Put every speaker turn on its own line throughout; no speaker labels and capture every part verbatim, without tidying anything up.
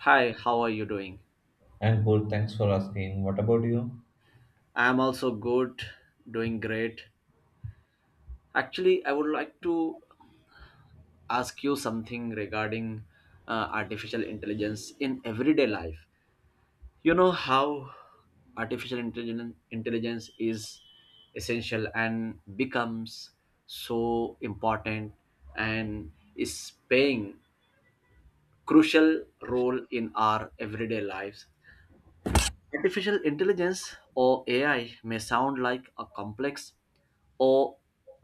Hi, how are you doing?
I'm good. Thanks for asking. What about you?
I'm also good, doing great. Actually, I would like to ask you something regarding uh, artificial intelligence in everyday life. You know how artificial intelligence intelligence is essential and becomes so important and is playing crucial role in our everyday lives. Artificial intelligence or A I may sound like a complex or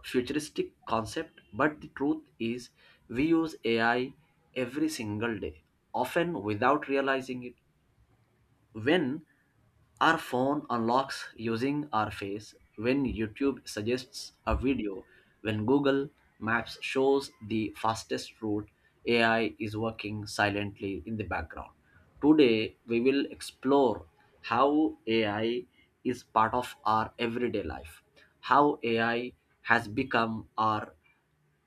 futuristic concept, but the truth is we use A I every single day, often without realizing it. When our phone unlocks using our face, when YouTube suggests a video, when Google Maps shows the fastest route, A I is working silently in the background. Today, we will explore how A I is part of our everyday life, how A I has become our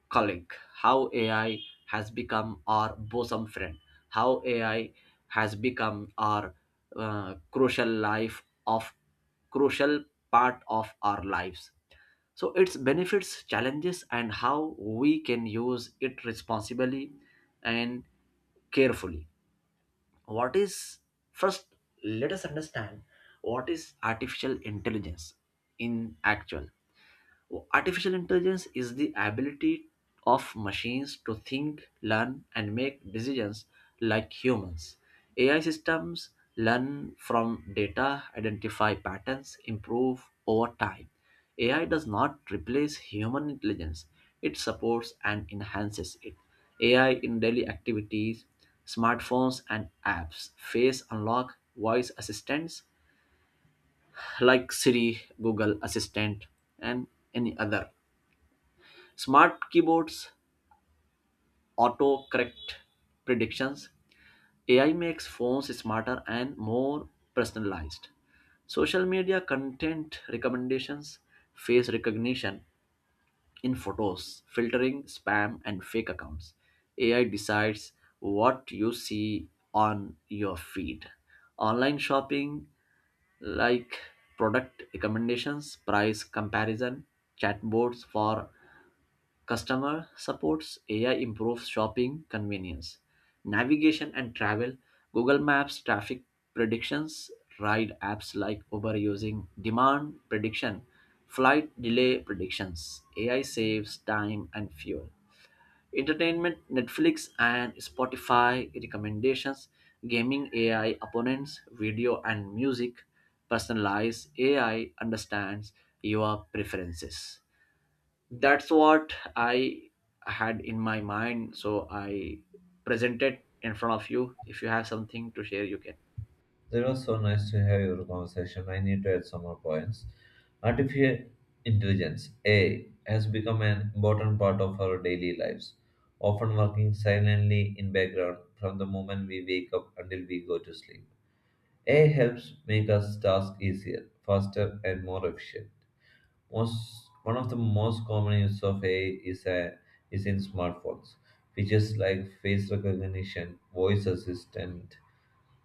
colleague, how A I has become our bosom friend, how A I has become our uh, crucial life of crucial part of our lives. So its benefits, challenges, and how we can use it responsibly and carefully. What is first? Let us understand what is artificial intelligence in actual. Artificial intelligence is the ability of machines to think, learn, and make decisions like humans. A I systems learn from data, identify patterns, improve over time. A I does not replace human intelligence, it supports and enhances it. A I in daily activities, smartphones, and apps, face unlock, voice assistants like Siri, Google Assistant, and any other. Smart keyboards, autocorrect predictions, A I makes phones smarter and more personalized. Social media content recommendations, face recognition in photos, filtering spam and fake accounts. A I decides what you see on your feed. Online shopping like product recommendations, price comparison, chatbots for customer supports, A I improves shopping convenience, navigation and travel, Google Maps traffic predictions, ride apps like Uber using demand prediction, flight delay predictions. A I saves time and fuel. Entertainment, Netflix and Spotify recommendations, gaming A I opponents, video and music, personalized A I understands your preferences. That's what I had in my mind, so I presented in front of you. If you have something to share, you can.
It was so nice to have your conversation. I need to add some more points. Artificial intelligence (A I) has become an important part of our daily lives, often working silently in background from the moment we wake up until we go to sleep. A I helps make us tasks easier, faster, and more efficient. Most one of the most common use of A I is a, is in smartphones, features like face recognition, voice assistant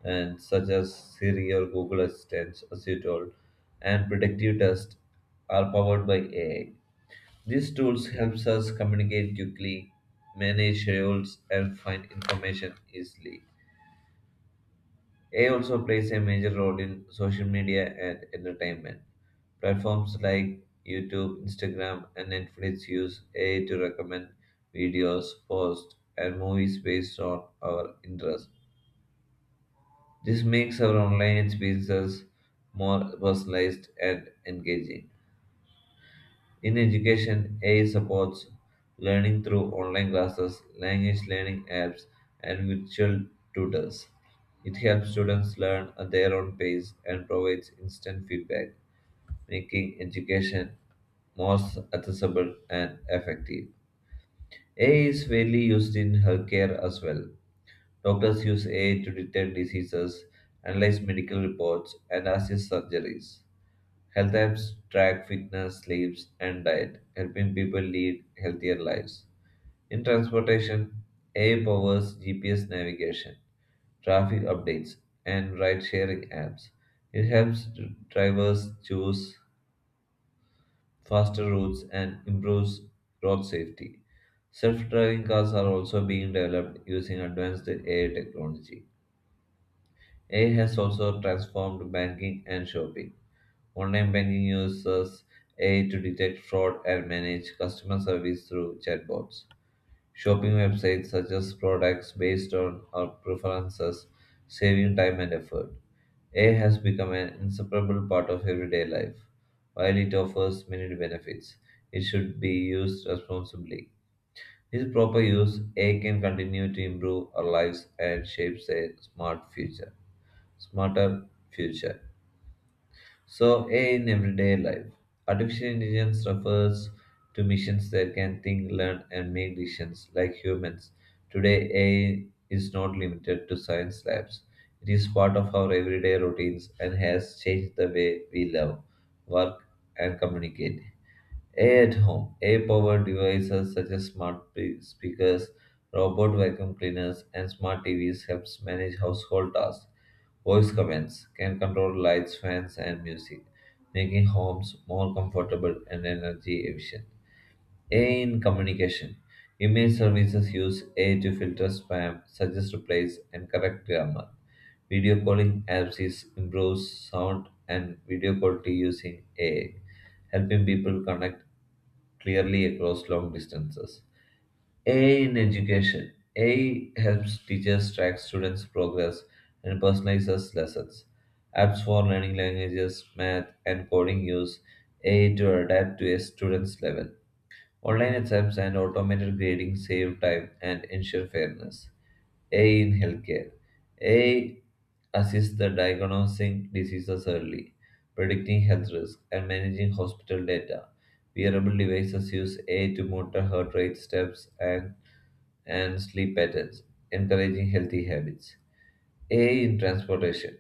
and such as Siri or Google Assistant, as you told, and predictive tests are powered by A I. These tools helps us communicate quickly, manage schedules, and find information easily. A I also plays a major role in social media and entertainment. Platforms like YouTube, Instagram, and Netflix use A I to recommend videos, posts, and movies based on our interests. This makes our online experiences more personalized and engaging. In education, A I supports learning through online classes, language learning apps, and virtual tutors. It helps students learn at their own pace and provides instant feedback, making education more accessible and effective. A I is fairly used in healthcare as well. Doctors use A I to detect diseases, analyze medical reports, and assist surgeries. Health apps track fitness, sleeps, and diet, helping people lead healthier lives. In transportation, A I powers G P S navigation, traffic updates, and ride sharing apps. It helps dr- drivers choose faster routes and improves road safety. Self driving cars are also being developed using advanced A I technology. A I has also transformed banking and shopping. Online banking uses A I to detect fraud and manage customer service through chatbots. Shopping websites suggest products based on our preferences, saving time and effort. A I has become an inseparable part of everyday life. While it offers many benefits, it should be used responsibly. With proper use, A I can continue to improve our lives and shape a smart future smarter future. So, A I in everyday life. Artificial intelligence refers to machines that can think, learn, and make decisions like humans. Today, A I is not limited to science labs. It is part of our everyday routines and has changed the way we love, work, and communicate. A I at home. A I powered devices such as smart pe- speakers, robot vacuum cleaners, and smart T Vs helps manage household tasks. Voice commands can control lights, fans, and music, making homes more comfortable and energy efficient. A I in communication. Email services use A I to filter spam, suggest replies, and correct grammar. Video calling apps is improves sound and video quality using A I, helping people connect clearly across long distances. A I in education. A I helps teachers track students' progress and personalizes lessons. Apps for learning languages, math, and coding use A I to adapt to a student's level. Online exams and automated grading save time and ensure fairness. A I in healthcare. A I assists the diagnosing diseases early, predicting health risk, and managing hospital data. Wearable devices use A I to monitor heart rate, steps, and, and sleep patterns, encouraging healthy habits. A I in transportation.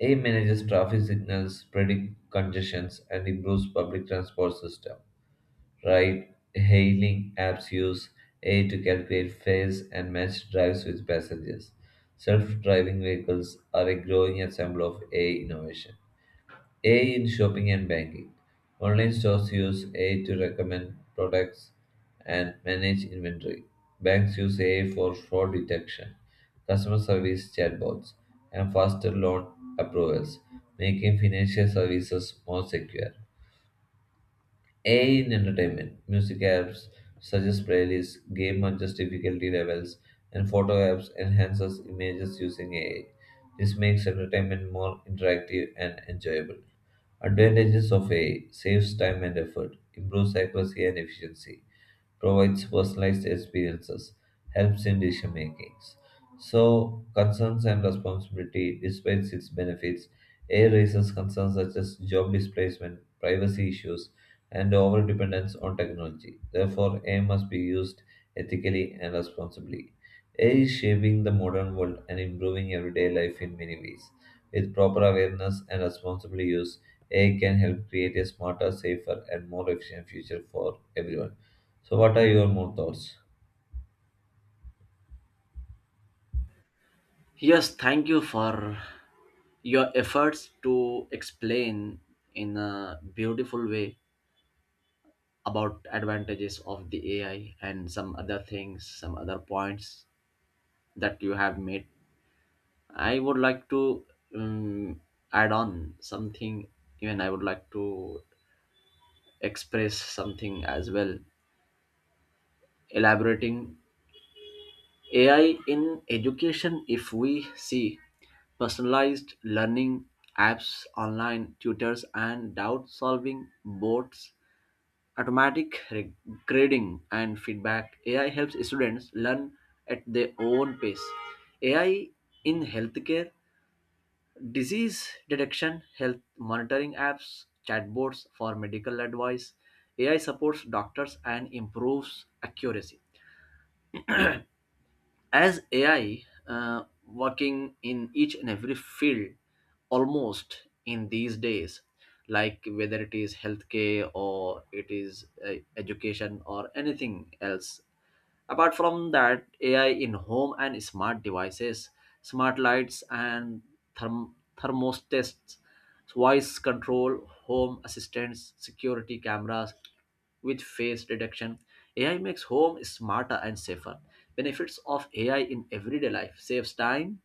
A I manages traffic signals, predict congestions, and improves public transport system. Ride hailing apps use A I to calculate fares and match drives with passengers. Self driving vehicles are a growing example of A I innovation. A I in shopping and banking. Online stores use A I to recommend products and manage inventory. Banks use A I for fraud detection, customer service chatbots, and faster loan approvals, making financial services more secure. A I in entertainment, music apps suggest playlists, game adjusts difficulty levels, and photo apps enhances images using A I. This makes entertainment more interactive and enjoyable. Advantages of A I saves time and effort, improves accuracy and efficiency provides personalized experiences, helps in decision making. So, concerns and responsibility, despite its benefits, A I raises concerns such as job displacement, privacy issues, and over dependence on technology. Therefore, A I must be used ethically and responsibly. A I is shaping the modern world and improving everyday life in many ways. With proper awareness and responsible use, A I can help create a smarter, safer, and more efficient future for everyone. So, what are your more thoughts?
Yes, thank you for your efforts to explain in a beautiful way about advantages of the AI and some other things, some other points that you have made. I would like to um, add on something. Even I would like to express something as well, elaborating A I in education. If we see personalized learning apps, online tutors, and doubt solving boards, automatic re- grading, and feedback, A I helps students learn at their own pace. A I in healthcare, disease detection, health monitoring apps, chatbots for medical advice. A I supports doctors and improves accuracy. As A I uh, working in each and every field almost in these days, like whether it is healthcare or it is uh, education or anything else. Apart from that, A I in home and smart devices, smart lights and therm- thermostats, voice control, home assistants, security cameras with face detection. A I makes home smarter and safer. Benefits of A I in everyday life, saves time,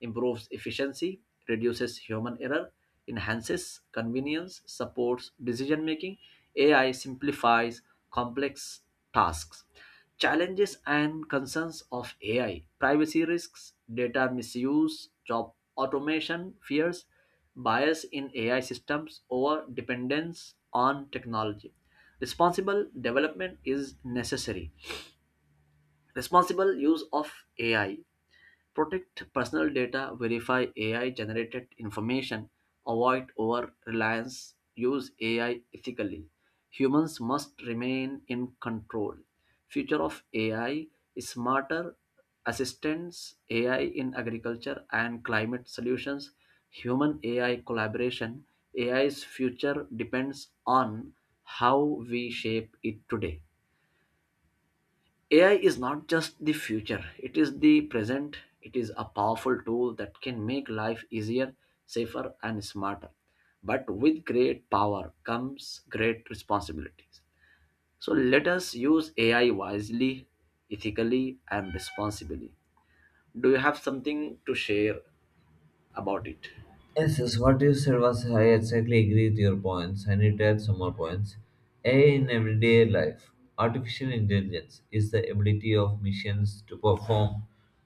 improves efficiency, reduces human error, enhances convenience, supports decision making. A I simplifies complex tasks. Challenges and concerns of A I, privacy risks, data misuse, job automation fears, bias in A I systems, over dependence on technology. Responsible development is necessary. Responsible use of A I, protect personal data, verify A I generated information, avoid over reliance, use A I ethically. Humans must remain in control. Future of A I is smarter assistance, A I in agriculture and climate solutions, human A I collaboration. A I's future depends on how we shape it today. A I is not just the future, it is the present. It is a powerful tool that can make life easier, safer, and smarter. But with great power comes great responsibilities. So let us use A I wisely, ethically, and responsibly. Do you have something to share about it?
Yes, yes, what you said was I exactly agree with your points. I need to add some more points. A I in everyday life. Artificial intelligence is the ability of machines to perform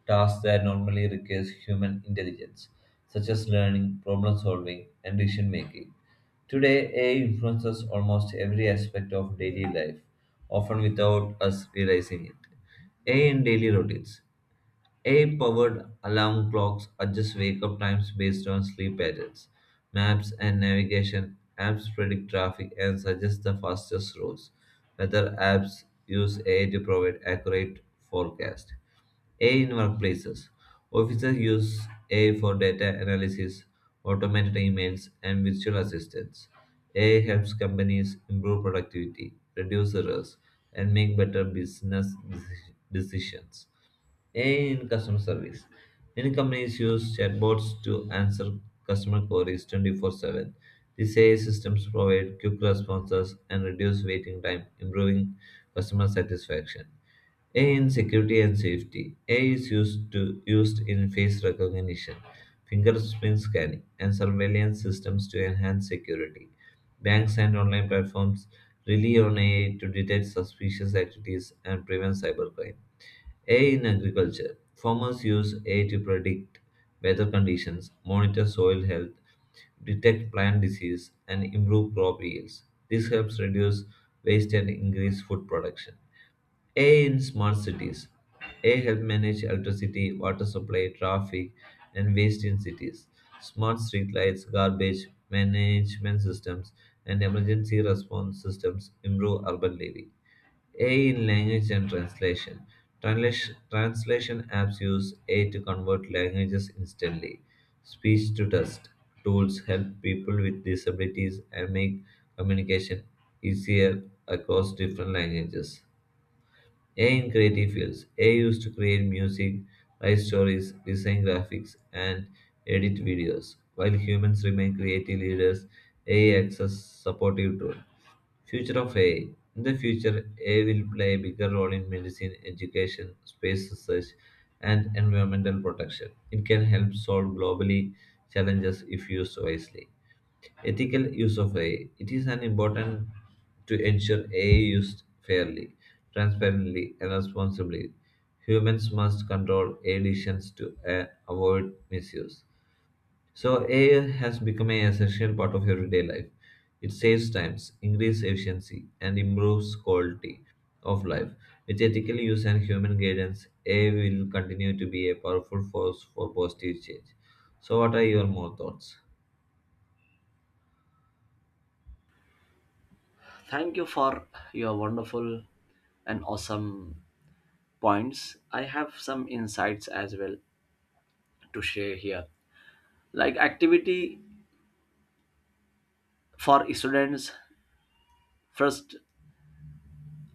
tasks that normally requires human intelligence, such as learning, problem solving, and decision making. Today, A I influences almost every aspect of daily life, often without us realizing it. A I in daily routines. A I powered alarm clocks adjust wake up times based on sleep patterns. Maps and navigation apps predict traffic and suggest the fastest routes. Weather apps use A I to provide accurate forecast. A I in workplaces. Officers use A I for data analysis, automated emails, and virtual assistants. A I helps companies improve productivity, reduce errors, and make better business deci- decisions. A I in customer service. Many companies use chatbots to answer customer queries twenty-four seven. These A I systems provide quick responses and reduce waiting time, improving customer satisfaction. A I in security and safety. A I is used to used in face recognition, fingerprint scanning, and surveillance systems to enhance security. Banks and online platforms rely on A I to detect suspicious activities and prevent cybercrime. A in agriculture. Farmers use A I to predict weather conditions, monitor soil health, detect plant disease, and improve crop yields. This helps reduce waste and increase food production. A in smart cities. A help manage electricity, water supply, traffic, and waste in cities. Smart streetlights, garbage management systems, and emergency response systems improve urban living. A in language and translation. Translation, translation apps use A I to convert languages instantly. Speech to text tools help people with disabilities and make communication easier across different languages. A in creative fields. A used to create music, write stories, design graphics, and edit videos. While humans remain creative leaders, A acts as supportive tool. Future of A I. In the future, A I will play a bigger role in medicine, education, space research, and environmental protection. It can help solve globally challenges if used wisely. Ethical use of A I. It is an important to ensure A I used fairly, transparently, and responsibly. Humans must control A I decisions to uh, avoid misuse. So A I has become an essential part of everyday life. It saves times, increases efficiency, and improves quality of life. With ethical use and human guidance, A I will continue to be a powerful force for positive change. So, what are your more thoughts?
Thank you for your wonderful and awesome points. I have some insights as well to share here. Like activity for students, first,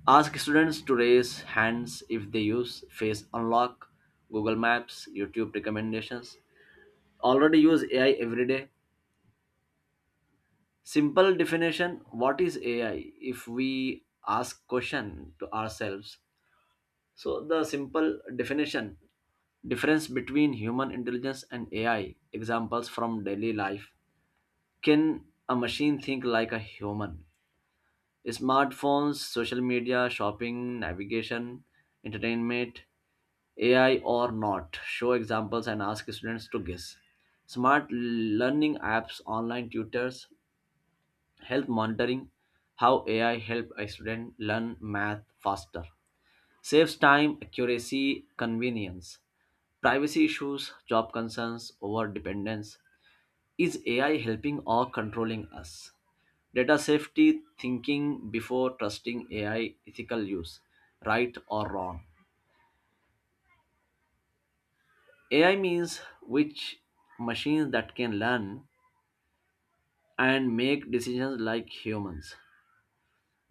ask students to raise hands if they use Face Unlock, Google Maps, YouTube recommendations. Already use A I every day. Simple definition, what is A I if we ask question to ourselves. So the simple definition, difference between human intelligence and A I, examples from daily life. Can a machine think like a human? Smartphones, social media, shopping, navigation, entertainment, A I or not, show examples and ask students to guess. Smart learning apps, online tutors, health monitoring, how A I help a student learn math faster. Saves time, accuracy, convenience. Privacy issues, job concerns, over dependence. Is A I helping or controlling us? Data safety, thinking before trusting A I, ethical use, right or wrong. A I means which machines that can learn and make decisions like humans.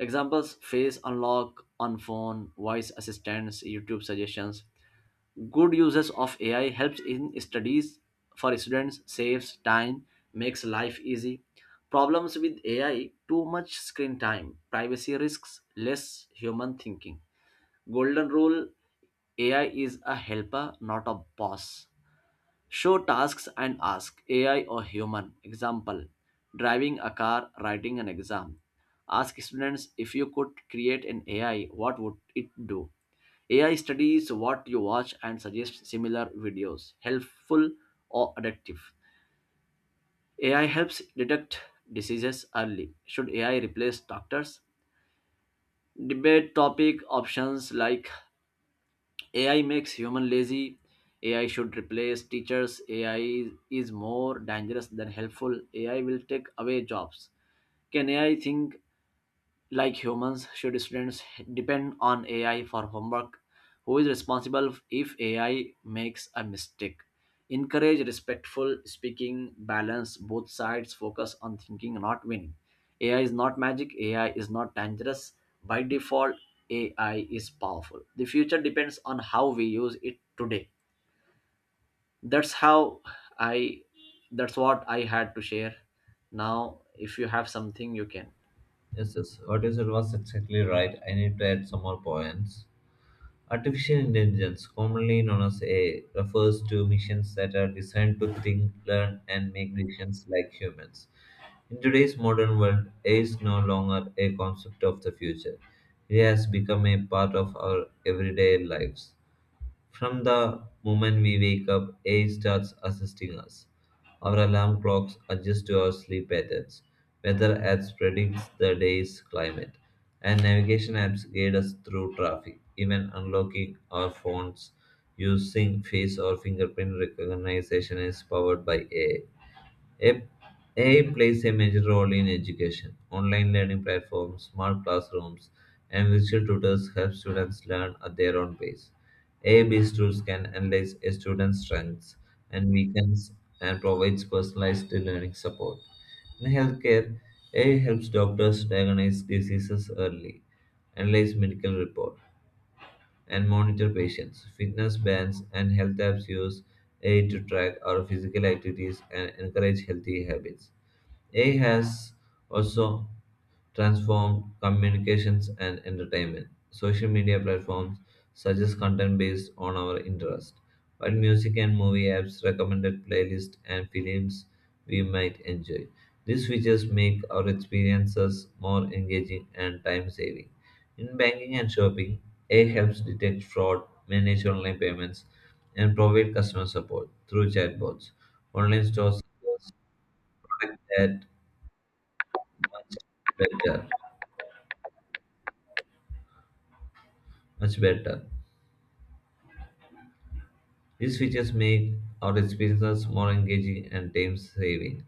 Examples, face unlock on phone, voice assistants, YouTube suggestions. Good uses of A I, helps in studies for students, saves time, makes life easy. Problems with A I, too much screen time, privacy risks, less human thinking. Golden rule, A I is a helper, not a boss. Show tasks and ask A I or human. Example, driving a car, writing an exam. Ask students, if you could create an A I, what would it do? A I studies what you watch and suggests similar videos, helpful or addictive. A I helps detect diseases early. Should A I replace doctors? Debate topic options like A I makes human lazy. A I should replace teachers. A I is more dangerous than helpful. A I will take away jobs. Can A I think like humans, should students depend on A I for homework? Who is responsible if A I makes a mistake? Encourage respectful speaking, balance both sides, focus on thinking, not winning. A I is not magic, A I is not dangerous. By default, A I is powerful. The future depends on how we use it today. That's how I that's what I had to share. Now, if you have something, you can.
Yes, yes. What you said was exactly right. I need to add some more points. Artificial intelligence, commonly known as A I, refers to machines that are designed to think, learn, and make decisions like humans. In today's modern world, A I is no longer a concept of the future. It has become a part of our everyday lives. From the moment we wake up, A I starts assisting us. Our alarm clocks adjust to our sleep patterns. Weather apps predicts the day's climate, and navigation apps guide us through traffic. Even unlocking our phones using face or fingerprint recognition is powered by A I. A- AI plays a major role in education. Online learning platforms, smart classrooms, and virtual tutors help students learn at their own pace. A I-based tools can analyze a student's strengths and weaknesses and provides personalized learning support. In healthcare, A I helps doctors diagnose diseases early, analyze medical reports, and monitor patients. Fitness bands and health apps use A I to track our physical activities and encourage healthy habits. A I has also transformed communications and entertainment. Social media platforms suggest content based on our interest, but music and movie apps recommended playlists and films we might enjoy. These features make our experiences more engaging and time saving. In banking and shopping, A I helps detect fraud, manage online payments, and provide customer support through chatbots. Online stores suggest product that much better, much better. These features make our experiences more engaging and time saving.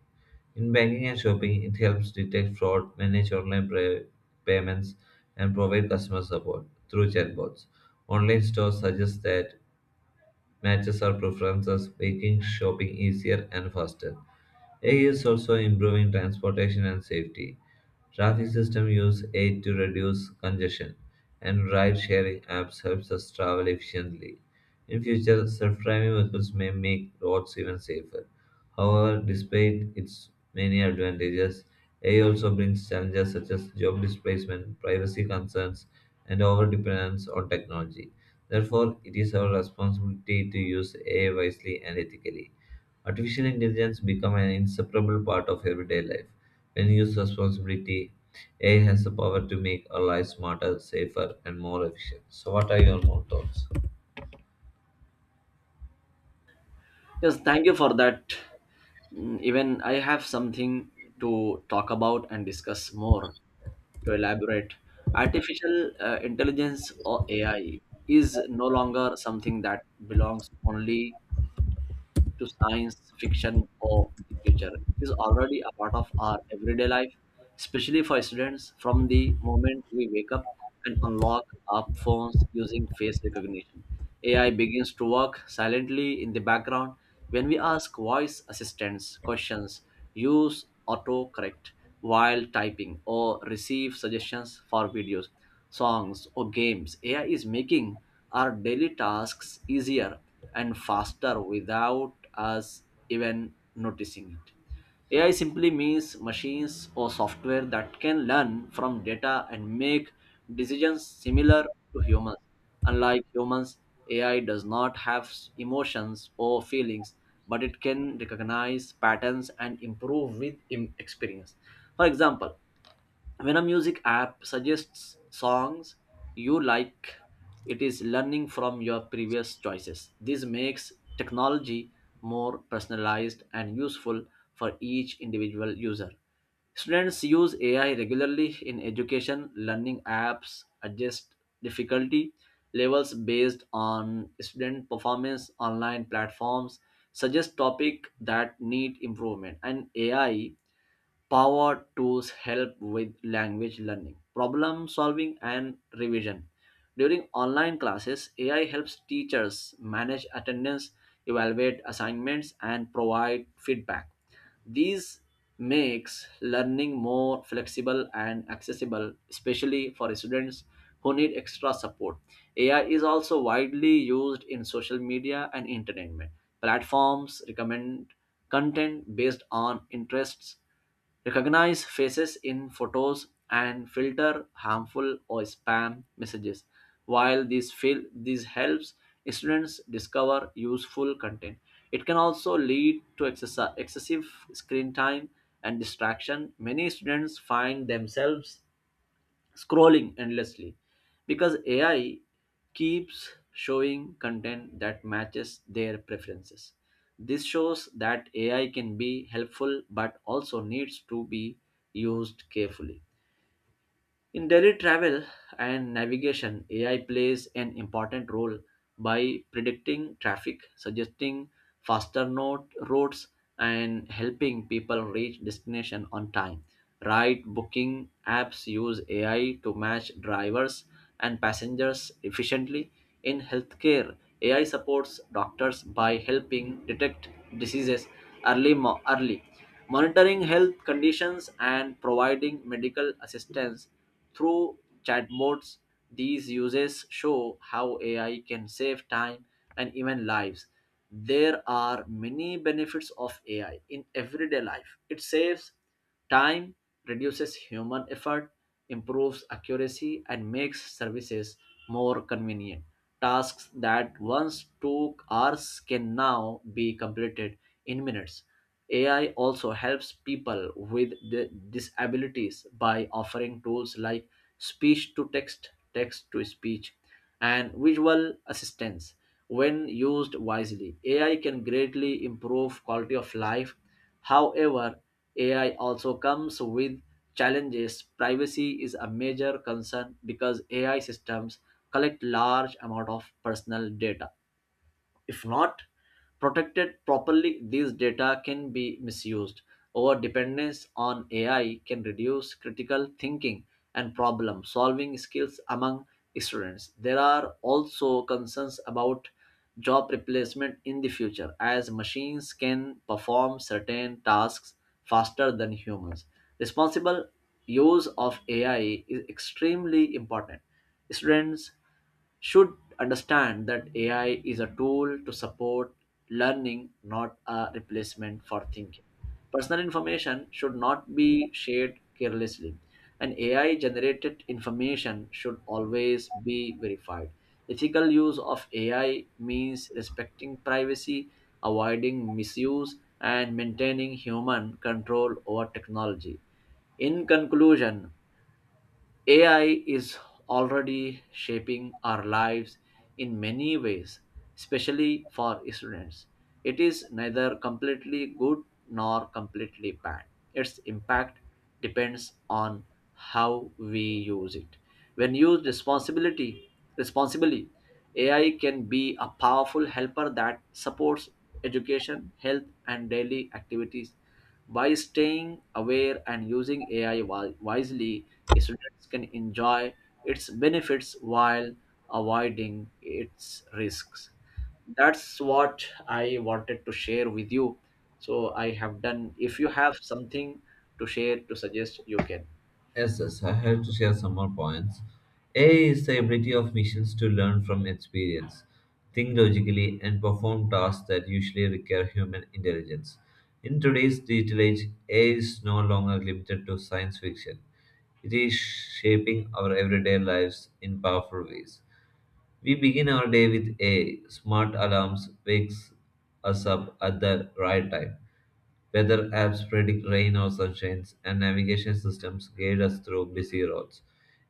In banking and shopping, it helps detect fraud, manage online pay- payments, and provide customer support through chatbots. Online stores suggest that matches our preferences, making shopping easier and faster. A I is also improving transportation and safety. Traffic system use A I to reduce congestion, and ride-sharing apps helps us travel efficiently. In future, self-driving vehicles may make roads even safer. However, despite its many advantages, A I also brings challenges such as job displacement, privacy concerns, and overdependence on technology. Therefore, it is our responsibility to use A I wisely and ethically. Artificial intelligence become an inseparable part of everyday life. When used responsibly, A I has the power to make our lives smarter, safer, and more efficient. So, what are your more thoughts?
Yes, thank you for that. Mm, even I have something to talk about and discuss more to elaborate. Artificial uh, intelligence or A I is no longer something that belongs only to science fiction or the future. It is already a part of our everyday life, especially for students. From the moment we wake up and unlock our phones using face recognition, A I begins to work silently in the background. When we ask voice assistants questions, use autocorrect while typing, or receive suggestions for videos, songs, or games, A I is making our daily tasks easier and faster without us even noticing it. A I simply means machines or software that can learn from data and make decisions similar to humans. Unlike humans, A I does not have s- emotions or feelings, but it can recognize patterns and improve with im- experience. For example, when a music app suggests songs you like, it is learning from your previous choices. This makes technology more personalized and useful for each individual user. Students use AI regularly in education, learning apps adjust difficulty levels based on student performance, online platforms suggest topics that need improvement, and AI power tools help with language learning, problem solving, and revision. During online classes, A I helps teachers manage attendance, evaluate assignments, and provide feedback. These makes learning more flexible and accessible, especially for students who need extra support. A I is also widely used in social media and entertainment. Platforms recommend content based on interests, recognize faces in photos, and filter harmful or spam messages. While this fil- this helps students discover useful content, it can also lead to excess- excessive screen time and distraction. Many students find themselves scrolling endlessly because A I keeps showing content that matches their preferences. This shows that A I can be helpful but also needs to be used carefully. In daily travel and navigation, A I plays an important role by predicting traffic, suggesting faster note routes, and helping people reach destination on time. Ride booking apps use A I to match drivers and passengers efficiently. In healthcare, A I supports doctors by helping detect diseases early, mo- early monitoring health conditions and providing medical assistance through chatbots. These uses show how A I can save time and even lives. There are many benefits of A I in everyday life. It saves time, reduces human effort, improves accuracy, and makes services more convenient. Tasks that once took hours can now be completed in minutes. A I also helps people with the disabilities by offering tools like speech to text, text to speech, and visual assistance. When used wisely, A I can greatly improve quality of life. However, A I also comes with challenges. Privacy is a major concern because A I systems collect large amount of personal data. If not protected properly, these data can be misused. Our dependence on A I can reduce critical thinking and problem solving skills among students. There are also concerns about job replacement in the future as machines can perform certain tasks faster than humans. Responsible use of A I is extremely important. Students should understand that A I is a tool to support learning, not a replacement for thinking. Personal information should not be shared carelessly, and A I generated information should always be verified. Ethical use of A I means respecting privacy, avoiding misuse, and maintaining human control over technology. In conclusion, A I is already shaping our lives in many ways, especially for students. It is neither completely good nor completely bad. Its impact depends on how we use it. When used responsibility, responsibly, A I can be a powerful helper that supports education, health, and daily activities. By staying aware and using A I wi- wisely, students can enjoy its benefits while avoiding its risks. That's what I wanted to share with you. So I have done. If you have something to share, to suggest, you can.
Yes, yes, I have to share some more points. A is the ability of machines to learn from experience, think logically, and perform tasks that usually require human intelligence. In today's digital age, A I is no longer limited to science fiction. It is shaping our everyday lives in powerful ways. We begin our day with a smart alarms wakes us up at the right time. Weather apps predict rain or sunshines, and navigation systems guide us through busy roads.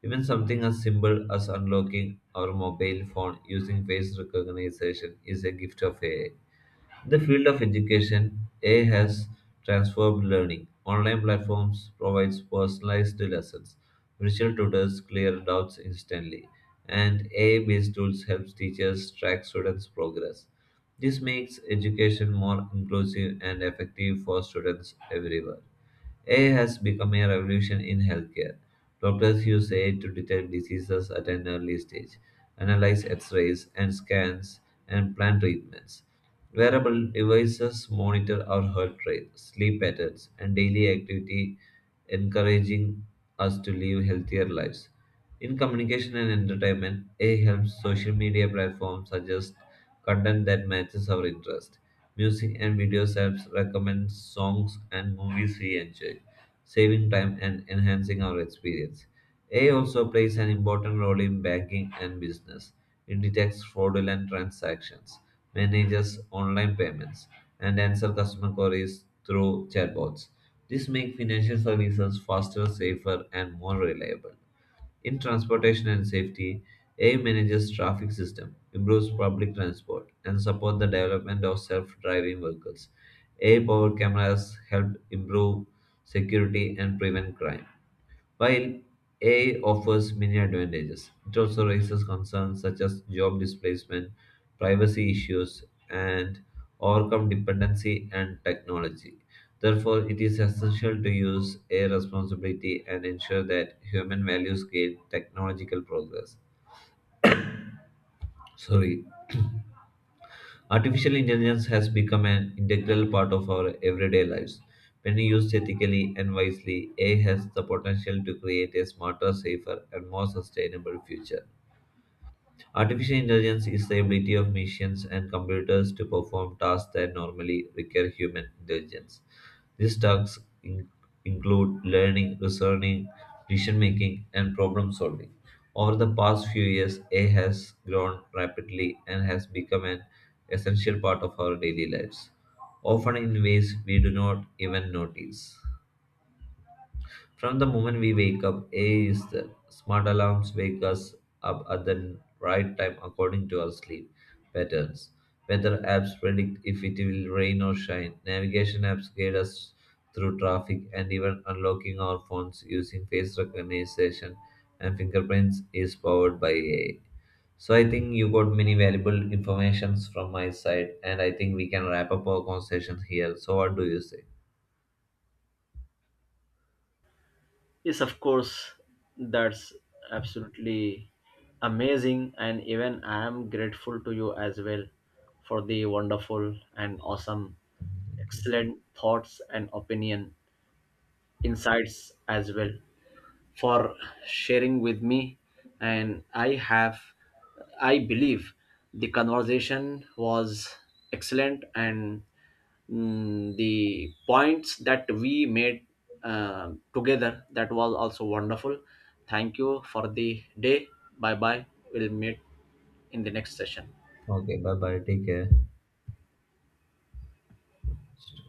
Even something as simple as unlocking our mobile phone using face recognition is a gift of A I. In the field of education, A I has transformed learning. Online platforms provide personalized lessons. Virtual tutors clear doubts instantly, and A I-based tools help teachers track students' progress. This makes education more inclusive and effective for students everywhere. A I has become a revolution in healthcare. Doctors use A I to detect diseases at an early stage, analyze x rays and scans, and plan treatments. Wearable devices monitor our heart rate, sleep patterns, and daily activity, encouraging us to live healthier lives. In communication and entertainment, A I helps social media platforms suggest content that matches our interest. Music and videos apps recommend songs and movies we enjoy saving time and enhancing our experience. A I also plays an important role in banking and business. It detects fraudulent transactions, manages online payments, and answers customer queries through chatbots. This makes financial services faster, safer, and more reliable. In transportation and safety, A I manages traffic system, improves public transport, and support the development of self-driving vehicles. A I-powered cameras help improve security and prevent crime. While A I offers many advantages, it also raises concerns such as job displacement, privacy issues, and overcome dependency and technology. Therefore, it is essential to use A I responsibility and ensure that human values guide technological progress. Sorry. Artificial intelligence has become an integral part of our everyday lives. When used ethically and wisely, A I has the potential to create a smarter, safer, and more sustainable future. Artificial intelligence is the ability of machines and computers to perform tasks that normally require human intelligence. These tasks in- include learning, reasoning, decision making, and problem solving. Over the past few years, A I has grown rapidly and has become an essential part of our daily lives, often in ways we do not even notice. From the moment we wake up, A is there. Smart alarms wake us up at the right time according to our sleep patterns. Weather apps predict if it will rain or shine. Navigation apps guide us through traffic, and even unlocking our phones using face recognition and fingerprints is powered by A I. So I think you got many valuable informations from my side, and I think we can wrap up our conversation here. So what do you say?
Yes, of course, that's absolutely amazing, and even I am grateful to you as well for the wonderful and awesome, excellent thoughts and opinion, insights as well for sharing with me. And i have i believe the conversation was excellent, and mm, the points that we made uh, together, that was also wonderful. Thank you for the day. Bye bye. We'll meet in the next session.
Okay, bye bye. Take care.